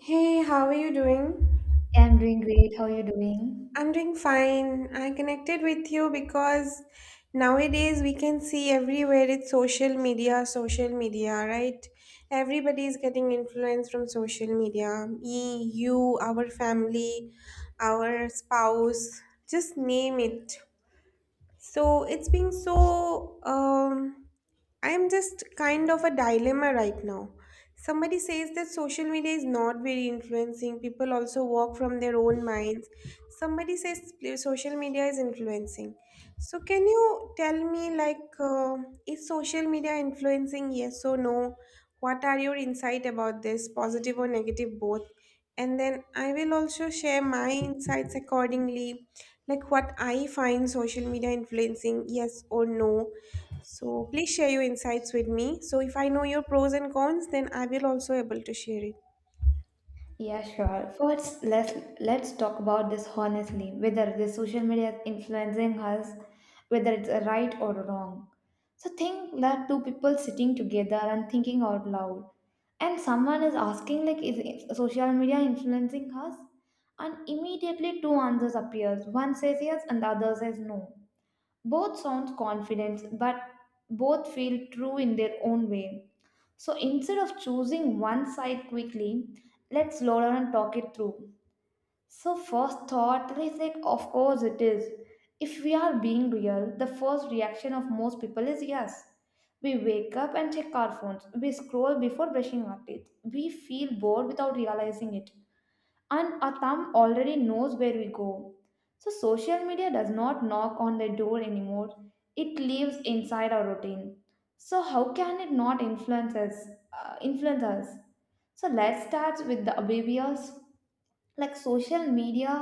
Hey, how are you doing? I'm doing great. How are you doing? I'm doing fine. I connected with you because nowadays we can see everywhere it's social media, right? Everybody is getting influence from social media. Me, you, our family, our spouse, just name it. So it's been so I'm just kind of a dilemma right now. Somebody says that social media is not very influencing. People also work from their own minds. Somebody says social media is influencing. So can you tell me is social media influencing? Yes or no? What are your insight about this, positive or negative both? And then I will also share my insights accordingly, like what I find social media influencing, yes or no, so please share your insights with me. So if I know your pros and cons, then I will also able to share it. Yeah, sure. First, let's talk about this honestly, whether this social media is influencing us, whether it's a right or wrong. So think that two people sitting together and thinking out loud, and someone is asking like, is social media influencing us? And immediately two answers appears. One says yes, and the other says no. Both sounds confident, but both feel true in their own way. So instead of choosing one side quickly, let's slow down and talk it through. So first thought is like, of course it is. If we are being real, the first reaction of most people is yes. We wake up and check our phones. We scroll before brushing our teeth. We feel bored without realizing it and our thumb already knows where we go. So, social media does not knock on the door anymore, it lives inside our routine. So, how can it not influence us? Influence us? So, let's start with the oblivious like social media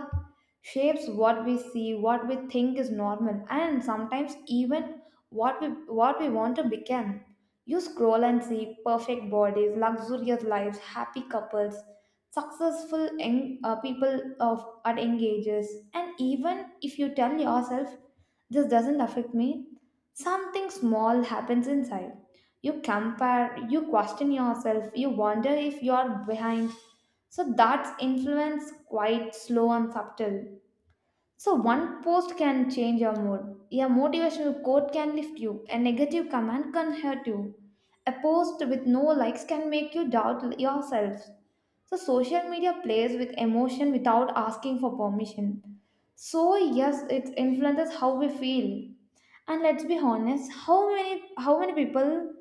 shapes what we see, what we think is normal, and sometimes even what we what we want to become. You scroll and see perfect bodies, luxurious lives, happy couples, successful young, people of at young ages, and even if you tell yourself this doesn't affect me, something small happens inside. You compare, you question yourself, you wonder if you are behind. So that's influence quite slow and subtle. So one post can change your mood. A motivational quote can lift you. A negative comment can hurt you. A post with no likes can make you doubt yourself. So social media plays with emotion without asking for permission. So yes, it influences how we feel. And let's be honest, how many people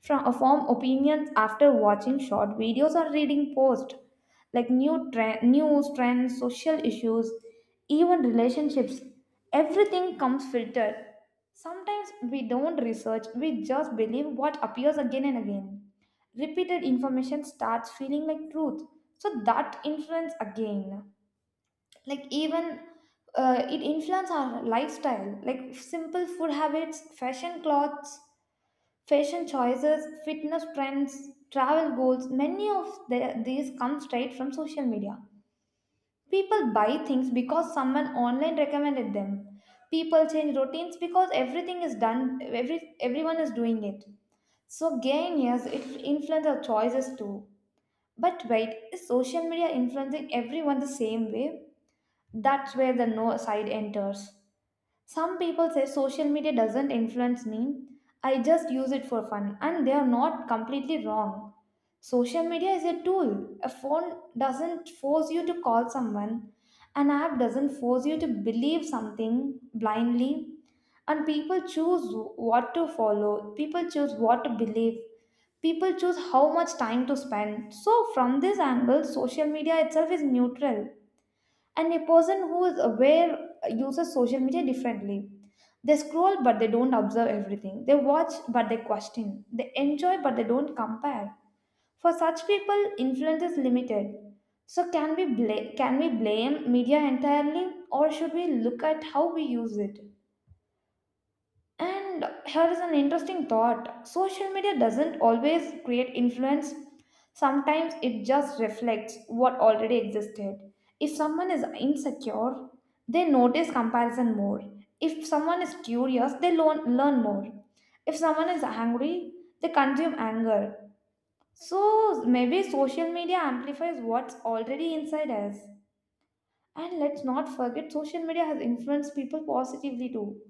from form opinions after watching short videos or reading posts? Like new trend, news trends, social issues, even relationships. Everything comes filtered. Sometimes we don't research, we just believe what appears again and again. Repeated information starts feeling like truth. So that influence again. Like even it influence our lifestyle, like simple food habits, fashion clothes, fashion choices, fitness trends, travel goals. Many of these come straight from social media. People buy things because someone online recommended them. People change routines because everything is done, everyone is doing it. So, gain, yes, it influences our choices too. But wait, is social media influencing everyone the same way? That's where the no side enters. Some people say social media doesn't influence me. I just use it for fun, and they are not completely wrong. Social media is a tool. A phone doesn't force you to call someone, an app doesn't force you to believe something blindly. And people choose what to follow, people choose what to believe, people choose how much time to spend. So, from this angle, social media itself is neutral, and a person who is aware uses social media differently. They scroll, but they don't observe everything. They watch, but they question. They enjoy, but they don't compare. For such people influence is limited. So can we blame media entirely, or should we look at how we use it? And here is an interesting thought, social media doesn't always create influence, sometimes it just reflects what already existed. If someone is insecure, they notice comparison more. If someone is curious, they learn more. If someone is angry, they consume anger. So maybe social media amplifies what's already inside us. And let's not forget, social media has influenced people positively too.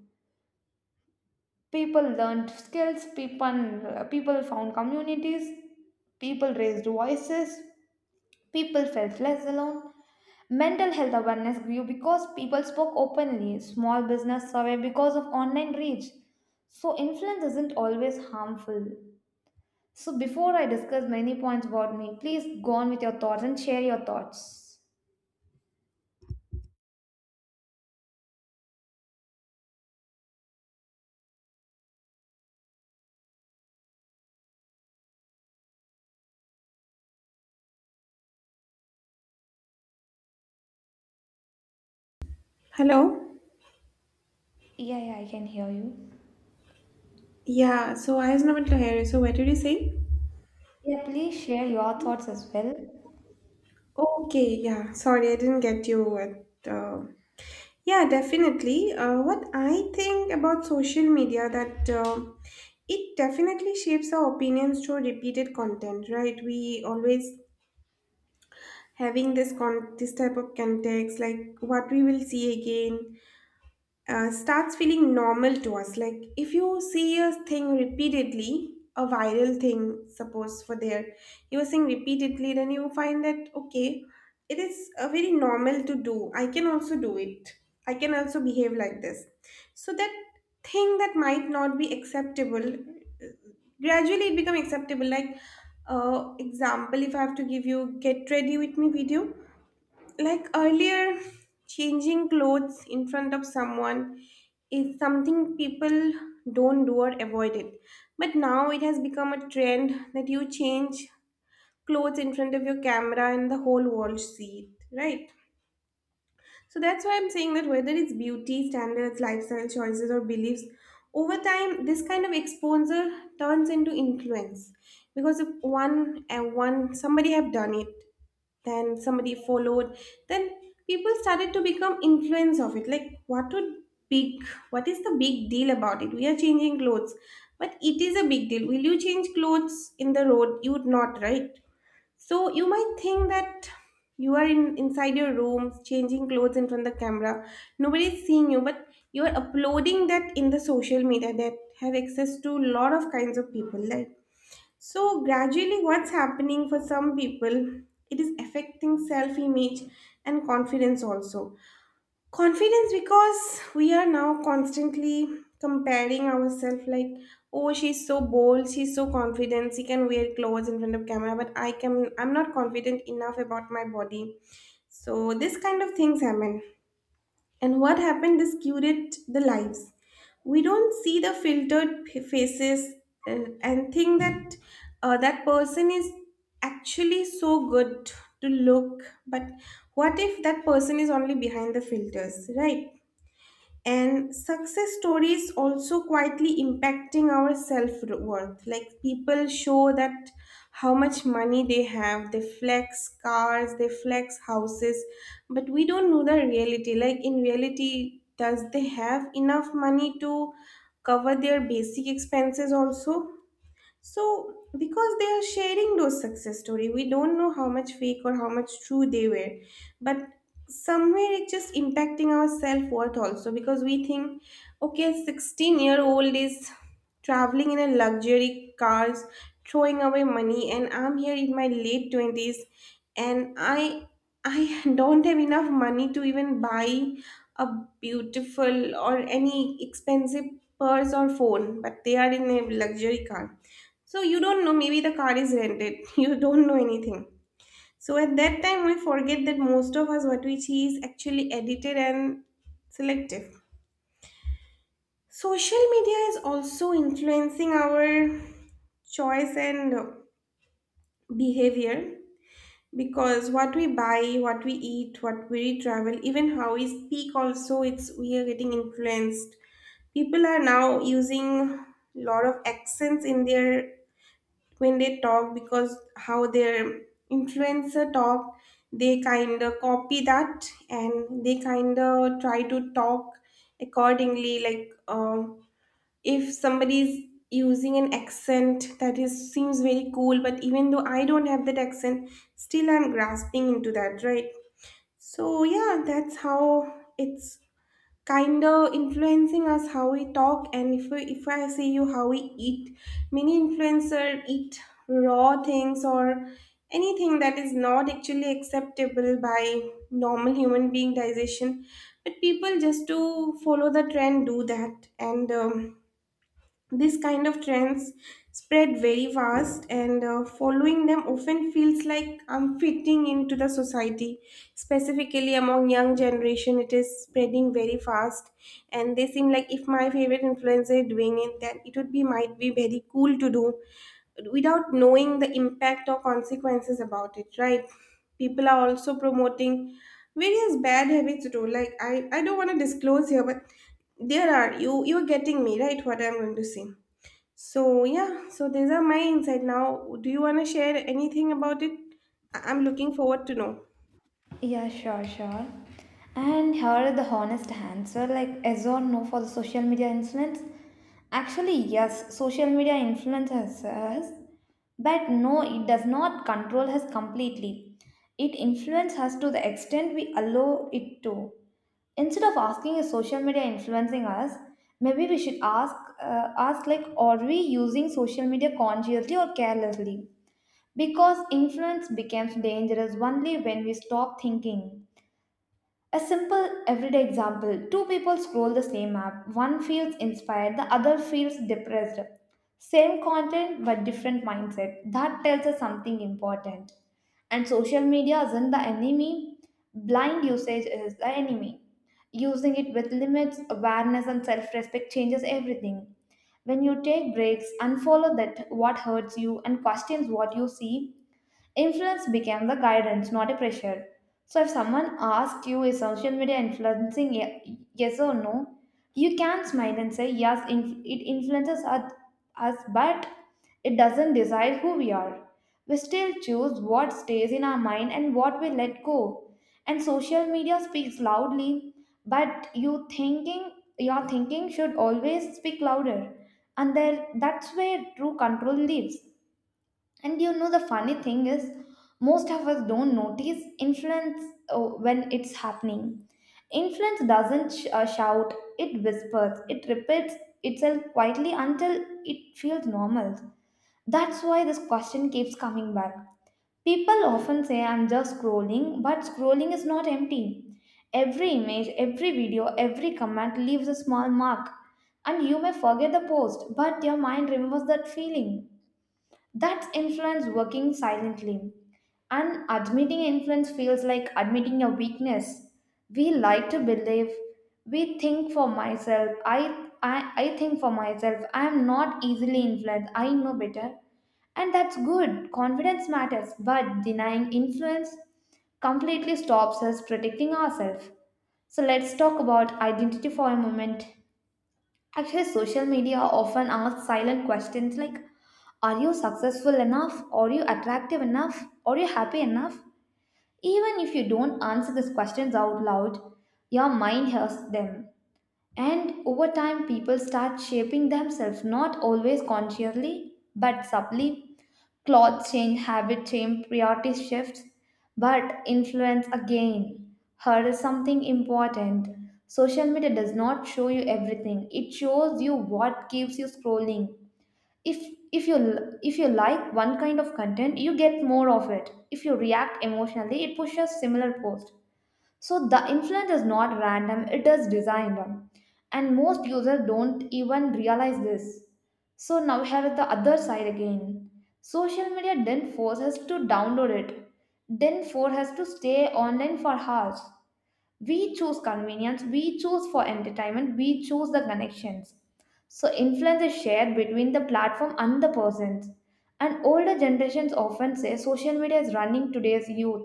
People learned skills, people found communities, people raised voices, people felt less alone. Mental health awareness grew because people spoke openly. Small business survived because of online reach. So influence isn't always harmful. So before I discuss many points about me, please go on with your thoughts and share your thoughts. Hello? Yeah, yeah, I can hear you. Yeah, so I was not able to hear you. So what did you say? Yeah, please share your thoughts as well. Okay, yeah. Sorry, I didn't get you what yeah, definitely. What I think about social media that it definitely shapes our opinions through repeated content, right? We always having this con this type of context, like what we will see again, starts feeling normal to us. Like if you see a thing repeatedly, a viral thing, suppose for there, you are seeing repeatedly, then you find that okay, it is a very normal to do. I can also do it. I can also behave like this. So that thing that might not be acceptable, gradually it become acceptable. Like example, if I have to give you get ready with me video, like earlier, changing clothes in front of someone is something people don't do or avoid it, but now it has become a trend that you change clothes in front of your camera and the whole world see it, right? So that's why I'm saying that whether it's beauty, standards, lifestyle choices, or beliefs, over time this kind of exposure turns into influence. Because if one and one somebody have done it, then somebody followed, then people started to become influence of it. Like what would big what is the big deal about it? We are changing clothes. But it is a big deal. Will you change clothes in the road? You would not, right? So you might think that you are in inside your room changing clothes in front of the camera. Nobody's seeing you, but you are uploading that in the social media that have access to a lot of kinds of people. Like so gradually what's happening for some people, it is affecting self-image and confidence also. Confidence because we are now constantly comparing ourselves like, oh, she's so bold, she's so confident, she can wear clothes in front of camera, but I'm not confident enough about my body. So this kind of things happen. And what happened? This curate the lives. We don't see the filtered faces and think that that person is actually so good to look. But what if that person is only behind the filters, right? And success stories also quietly impacting our self-worth, like people show that how much money they have, they flex cars, they flex houses, but we don't know the reality. Like in reality, does they have enough money to cover their basic expenses also? So, because they are sharing those success story, we don't know how much fake or how much true they were, but somewhere it's just impacting our self worth also because we think, okay, 16-year old is traveling in a luxury cars, throwing away money, and I'm here in my late 20s, and I don't have enough money to even buy a beautiful or any expensive purse or phone, but they are in a luxury car. So you don't know, maybe the car is rented. You don't know anything. So at that time, we forget that most of us what we see is actually edited and selective. Social media is also influencing our choice and behavior because what we buy, what we eat, what we travel, even how we speak also, it's we are getting influenced. People are now using lot of accents in their when they talk because how their influencer talk, they kind of copy that and they kind of try to talk accordingly if somebody's using an accent that is seems very cool, but even though I don't have that accent, still I'm grasping into that, right? So yeah, that's how it's kind of influencing us how we talk, and if we, if I see you how we eat, many influencer eat raw things or anything that is not actually acceptable by normal human being digestion, but people just to follow the trend do that, and this kind of trends spread very fast, and following them often feels like I'm fitting into the society. Specifically among young generation, it is spreading very fast, and they seem like if my favorite influencer is doing it, then it would be might be very cool to do, without knowing the impact or consequences about it. Right? People are also promoting various bad habits too. Like I don't want to disclose here, but there are you. You're getting me right. What I'm going to say. So yeah, so these are my insight. Now, do you want to share anything about it? I'm looking forward to know. Yeah, sure. And here are the honest answer like yes or no for the social media influence. Actually, yes, social media influences us, but no, it does not control us completely. It influences us to the extent we allow it to. Instead of asking is social media influencing us, maybe we should ask like, are we using social media consciously or carelessly? Because influence becomes dangerous only when we stop thinking. A simple everyday example, two people scroll the same app, one feels inspired, the other feels depressed. Same content but different mindset. That tells us something important. And social media isn't the enemy, blind usage is the enemy. Using it with limits, awareness, and self respect changes everything. When you take breaks, unfollow that what hurts you and questions what you see, influence became the guidance, not a pressure. So if someone asked you, is social media influencing ye- yes or no, you can smile and say, yes, it influences us, but it doesn't decide who we are. We still choose what stays in our mind and what we let go. And social media speaks loudly, but your thinking should always speak louder. And there that's where true control lives. And you know, the funny thing is, most of us don't notice influence when it's happening. Influence doesn't shout, it whispers, it repeats itself quietly until it feels normal. That's why this question keeps coming back. People often say, I'm just scrolling, but scrolling is not empty. Every image, every video, every comment leaves a small mark. And you may forget the post, but your mind remembers that feeling. That's influence working silently. And admitting influence feels like admitting a weakness. We like to believe, we think for myself, I think for myself, I am not easily influenced, I know better. And that's good, confidence matters, but denying influence completely stops us protecting ourselves. So let's talk about identity for a moment. Actually, social media often asks silent questions like, are you successful enough? Are you attractive enough? Are you happy enough? Even if you don't answer these questions out loud, your mind hears them. And over time, people start shaping themselves, not always consciously but subtly. Clothes change, habit change, priority shifts, but influence again. Here is something important. Social media does not show you everything. It shows you what keeps you scrolling. If if you if you like one kind of content, you get more of it. If you react emotionally, it pushes similar posts. So the influence is not random, it is designed. And most users don't even realize this. So now we have the other side again. Social media didn't force us to download it. Didn't force us to stay online for hours. We choose convenience, we choose for entertainment, we choose the connections. So influence is shared between the platform and the persons. And older generations often say social media is running today's youth,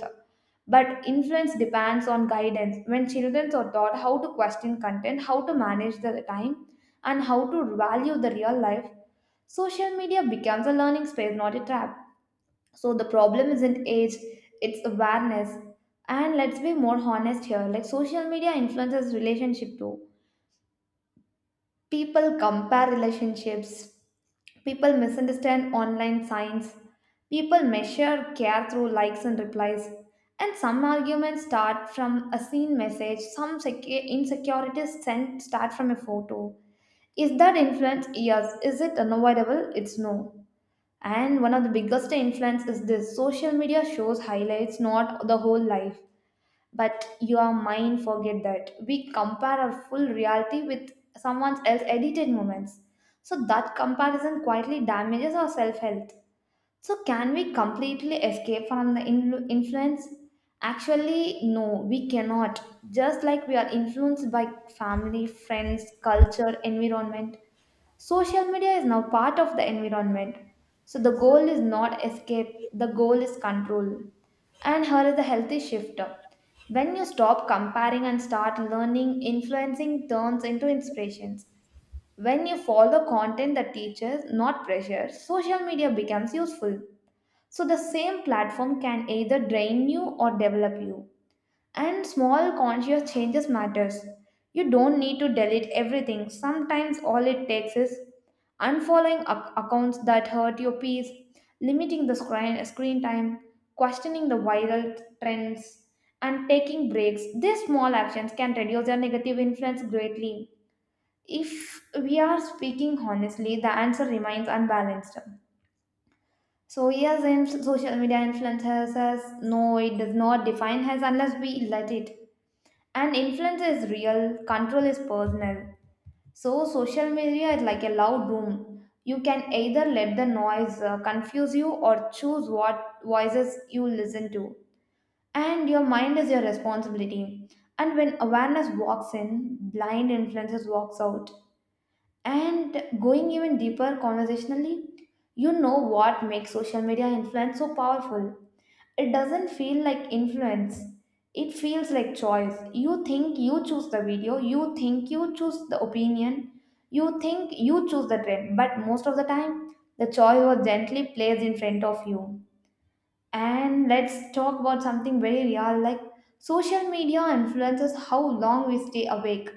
but influence depends on guidance. When children are taught how to question content, how to manage the time, and how to value the real life, social media becomes a learning space, not a trap. So the problem isn't age, it's awareness. And let's be more honest here, like social media influences relationship too. People compare relationships, people misunderstand online signs, people measure care through likes and replies. And some arguments start from a seen message, insecurities sent start from a photo. Is that influence? Yes. Is it unavoidable? It's no. And one of the biggest influence is this, social media shows highlights, not the whole life. But your mind forget that. We compare our full reality with someone else's edited moments. So that comparison quietly damages our self-health. So can we completely escape from influence? Actually, no, we cannot. Just like we are influenced by family, friends, culture, environment, social media is now part of the environment. So the goal is not escape, the goal is control. And here is the healthy shift. When you stop comparing and start learning, influencing turns into inspirations. When you follow content that teaches, not pressures, social media becomes useful. So the same platform can either drain you or develop you. And small conscious changes matters. You don't need to delete everything. Sometimes all it takes is unfollowing accounts that hurt your peace, limiting the screen time, questioning the viral trends, and taking breaks. These small actions can reduce your negative influence greatly. If we are speaking honestly, the answer remains unbalanced. So yes, in social media influences, no, it does not define us unless we let it. And influence is real, control is personal. So, social media is like a loud room. You can either let the noise confuse you or choose what voices you listen to. And your mind is your responsibility. And when awareness walks in, blind influences walks out. And going even deeper conversationally, you know what makes social media influence so powerful? It doesn't feel like influence, it feels like choice. You think you choose the video, you think you choose the opinion, you think you choose the trend, but most of the time, the choice was gently placed in front of you. And let's talk about something very real, like social media influences how long we stay awake,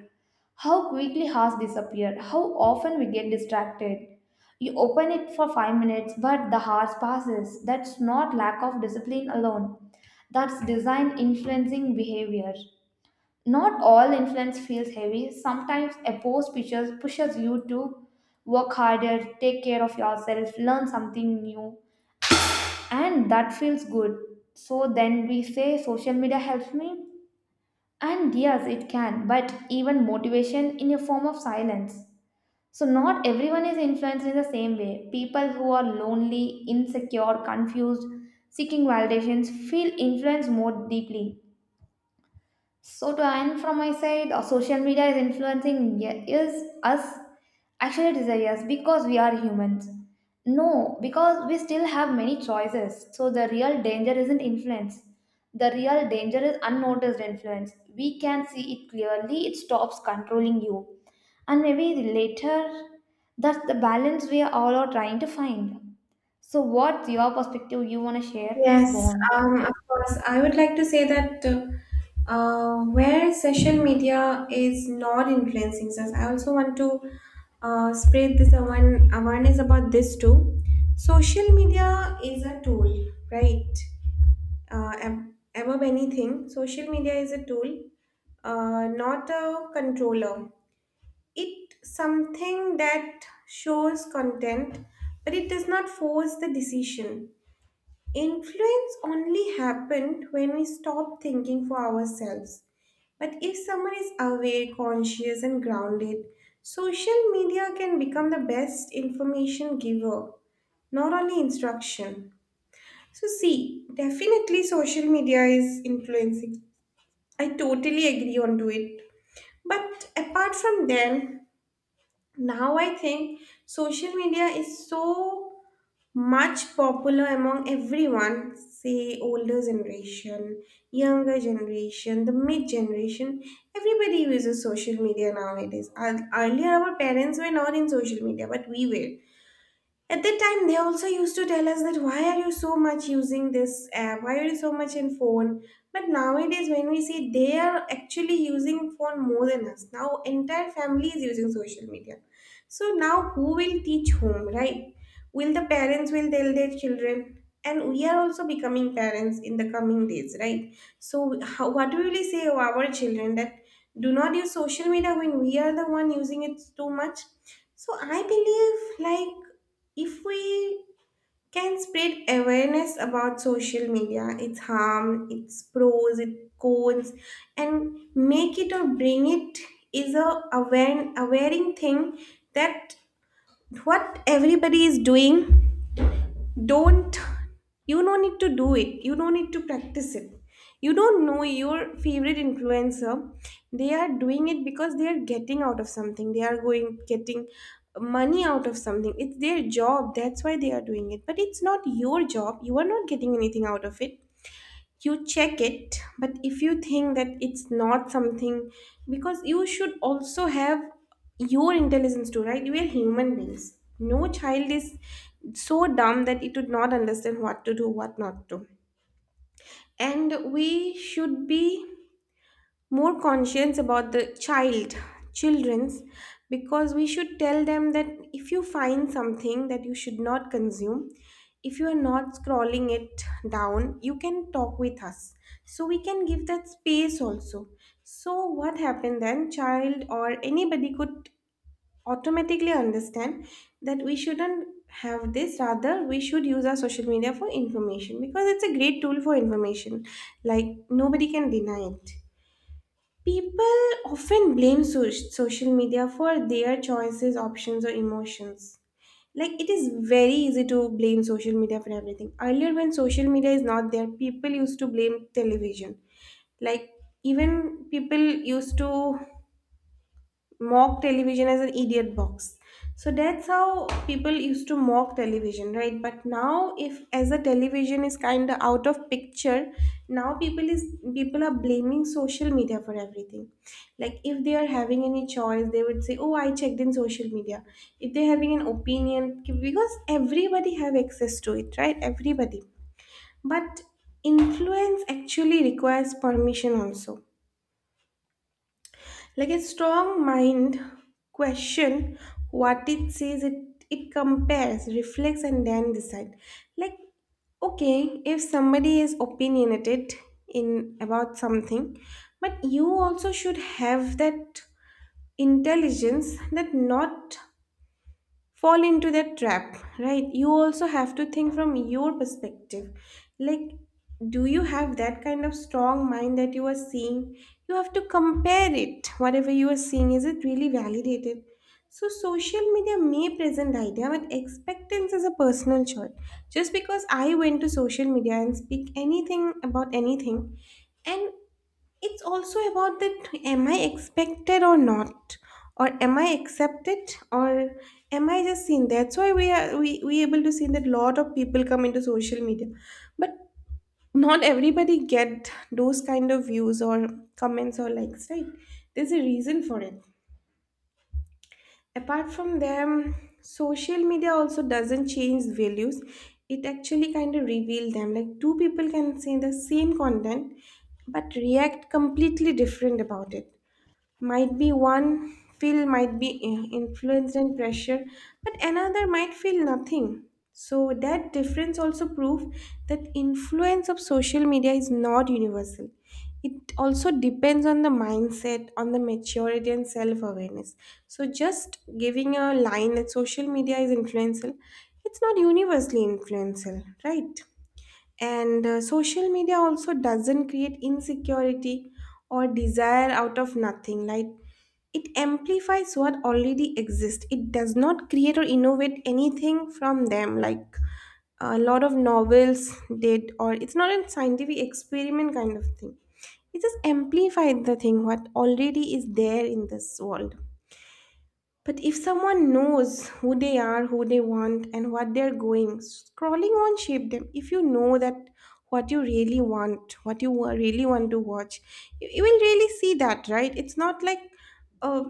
how quickly hours disappear, how often we get distracted. You open it for 5 minutes, but the hours passes. That's not lack of discipline alone. That's design influencing behavior. Not all influence feels heavy. Sometimes a post pushes you to work harder, take care of yourself, learn something new, and that feels good. So then we say social media helps me. And yes, it can, but even motivation in a form of silence. So, not everyone is influenced in the same way. People who are lonely, insecure, confused, seeking validations feel influenced more deeply. So to end from my side, social media is is us. Actually, it is a yes because we are humans. No, because we still have many choices. So the real danger isn't influence. The real danger is unnoticed influence. We can see it clearly. It stops controlling you, and maybe later, that's the balance we are all are trying to find. So, what's your perspective? You want to share? Please go Yes, on. Of course. I would like to say that where social media is not influencing us, I also want to spread this awareness about this too. Social media is a tool, right? Uh, ab- Above anything, social media is a tool, not a controller. It something that shows content, but it does not force the decision. Influence only happened when we stop thinking for ourselves, but if someone is aware, conscious and grounded, social media can become the best information giver, not only instruction. So see, definitely social media is influencing. I totally agree on to it. But apart from them, now I think social media is so much popular among everyone, say older generation, younger generation, the mid generation, everybody uses social media nowadays. Earlier our parents were not in social media but we were. At that time, they also used to tell us that why are you so much using this app? Why are you so much in phone? But nowadays, when we see they are actually using phone more than us. Now, entire family is using social media. So now, who will teach whom, right? Will the parents will tell their children, and we are also becoming parents in the coming days, right? So how, what do we really say to our children that do not use social media when we are the one using it too much? So I believe like, if we can spread awareness about social media, its harm, its pros, its cons, and make it or bring it is a aware awareing thing that what everybody is doing. Don't, you don't need to do it, you don't need to practice it. You don't know your favorite influencer, they are doing it because they are getting out of something, they are going getting money out of something. It's their job, that's why they are doing it, but it's not your job, you are not getting anything out of it. You check it, but if you think that it's not something, because you should also have your intelligence too, right? We are human beings. No child is so dumb that it would not understand what to do what not to. And we should be more conscious about the children's, because we should tell them that if you find something that you should not consume, if you are not scrolling it down, you can talk with us. So we can give that space also. So what happened, then child or anybody could automatically understand that we shouldn't have this, rather we should use our social media for information because it's a great tool for information. Like nobody can deny it. People often blame social media for their choices, options, or emotions. Like it is very easy to blame social media for everything. Earlier, when social media is not there, people used to blame television. Like even people used to mock television as an idiot box. So that's how people used to mock television, right? But now if as a television is kind of out of picture, now people are blaming social media for everything. Like if they are having any choice, they would say, oh, I checked in social media. If they're having an opinion, because everybody have access to it, right, everybody. But influence actually requires permission also. Like a strong mind question what it says, it compares, reflects, and then decide. Like, okay, if somebody is opinionated in about something, but you also should have that intelligence that not fall into that trap, right? You also have to think from your perspective. Like, do you have that kind of strong mind that you are seeing? You have to compare it, whatever you are seeing, is it really validated? So social media may present idea, but expectance is a personal choice. Just because I went to social media and speak anything about anything. And it's also about that, am I expected or not? Or am I accepted or am I just seen? That's why we able to see that lot of people come into social media. But not everybody get those kind of views or comments or likes, right? There's a reason for it. Apart from them, social media also doesn't change values. It actually kind of reveal them. Like, two people can say the same content but react completely different about it. Might be one feel might be influence and pressure, but another might feel nothing. So that difference also prove that influence of social media is not universal. It also depends on the mindset, on the maturity and self awareness. So just giving a line that social media is influential, it's not universally influential, right? And social media also doesn't create insecurity or desire out of nothing. Like, it amplifies what already exists. It does not create or innovate anything from them. Like a lot of novels did, or it's not a scientific experiment kind of thing. It just amplified the thing what already is there in this world. But if someone knows who they are, who they want, and what they're going, scrolling won't shape them. If you know that what you really want, what you really want to watch, you will really see that, right? It's not like uh,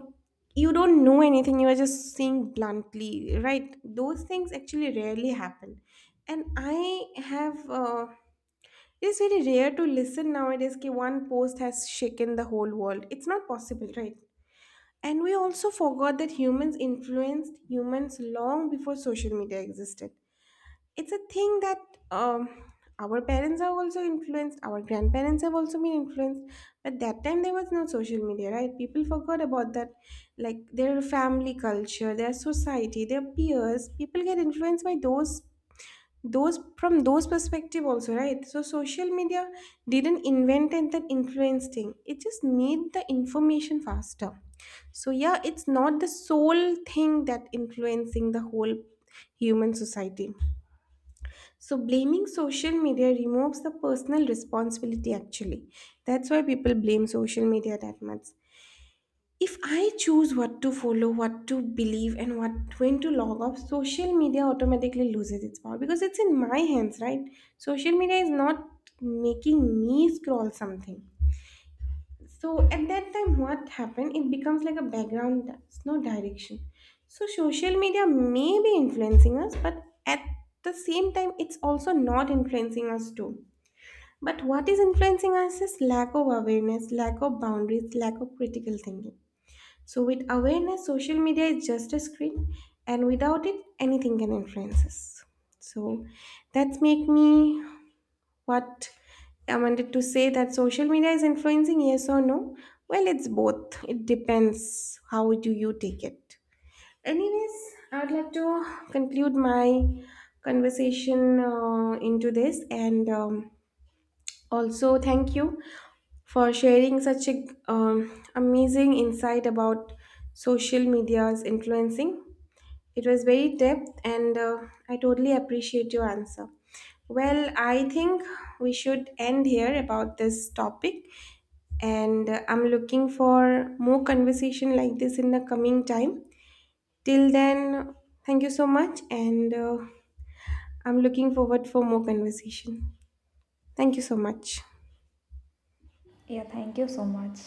you don't know anything, you are just seeing bluntly, right? Those things actually rarely happen. And I have. It's very rare to listen nowadays that one post has shaken the whole world. It's not possible, right? And we also forgot that humans influenced humans long before social media existed. It's a thing that um, our parents have also influenced, our grandparents have also been influenced. But that time there was no social media, right? People forgot about that. Like their family culture, their society, their peers, people get influenced by those from those perspective also, right? So social media didn't invent and then influence thing, it just made the information faster. So yeah, it's not the sole thing that influencing the whole human society. So blaming social media removes the personal responsibility actually. That's why people blame social media that much. If I choose what to follow, what to believe, and what, when to log off, social media automatically loses its power because it's in my hands, right? Social media is not making me scroll something. So at that time, what happened? It becomes like a background, that's no direction. So social media may be influencing us, but at the same time, it's also not influencing us too. But what is influencing us is lack of awareness, lack of boundaries, lack of critical thinking. So with awareness, social media is just a screen, and without it, anything can influence us. So that's make me what I wanted to say, that social media is influencing, yes or no? Well, it's both. It depends how do you take it. Anyways, I would like to conclude my conversation into this and also thank you for sharing such a amazing insight about social media's influencing. It was very depth, and I totally appreciate your answer. Well, I think we should end here about this topic, and I'm looking for more conversation like this in the coming time. Till then, thank you so much, and I'm looking forward for more conversation. Thank you so much. Yeah, thank you so much.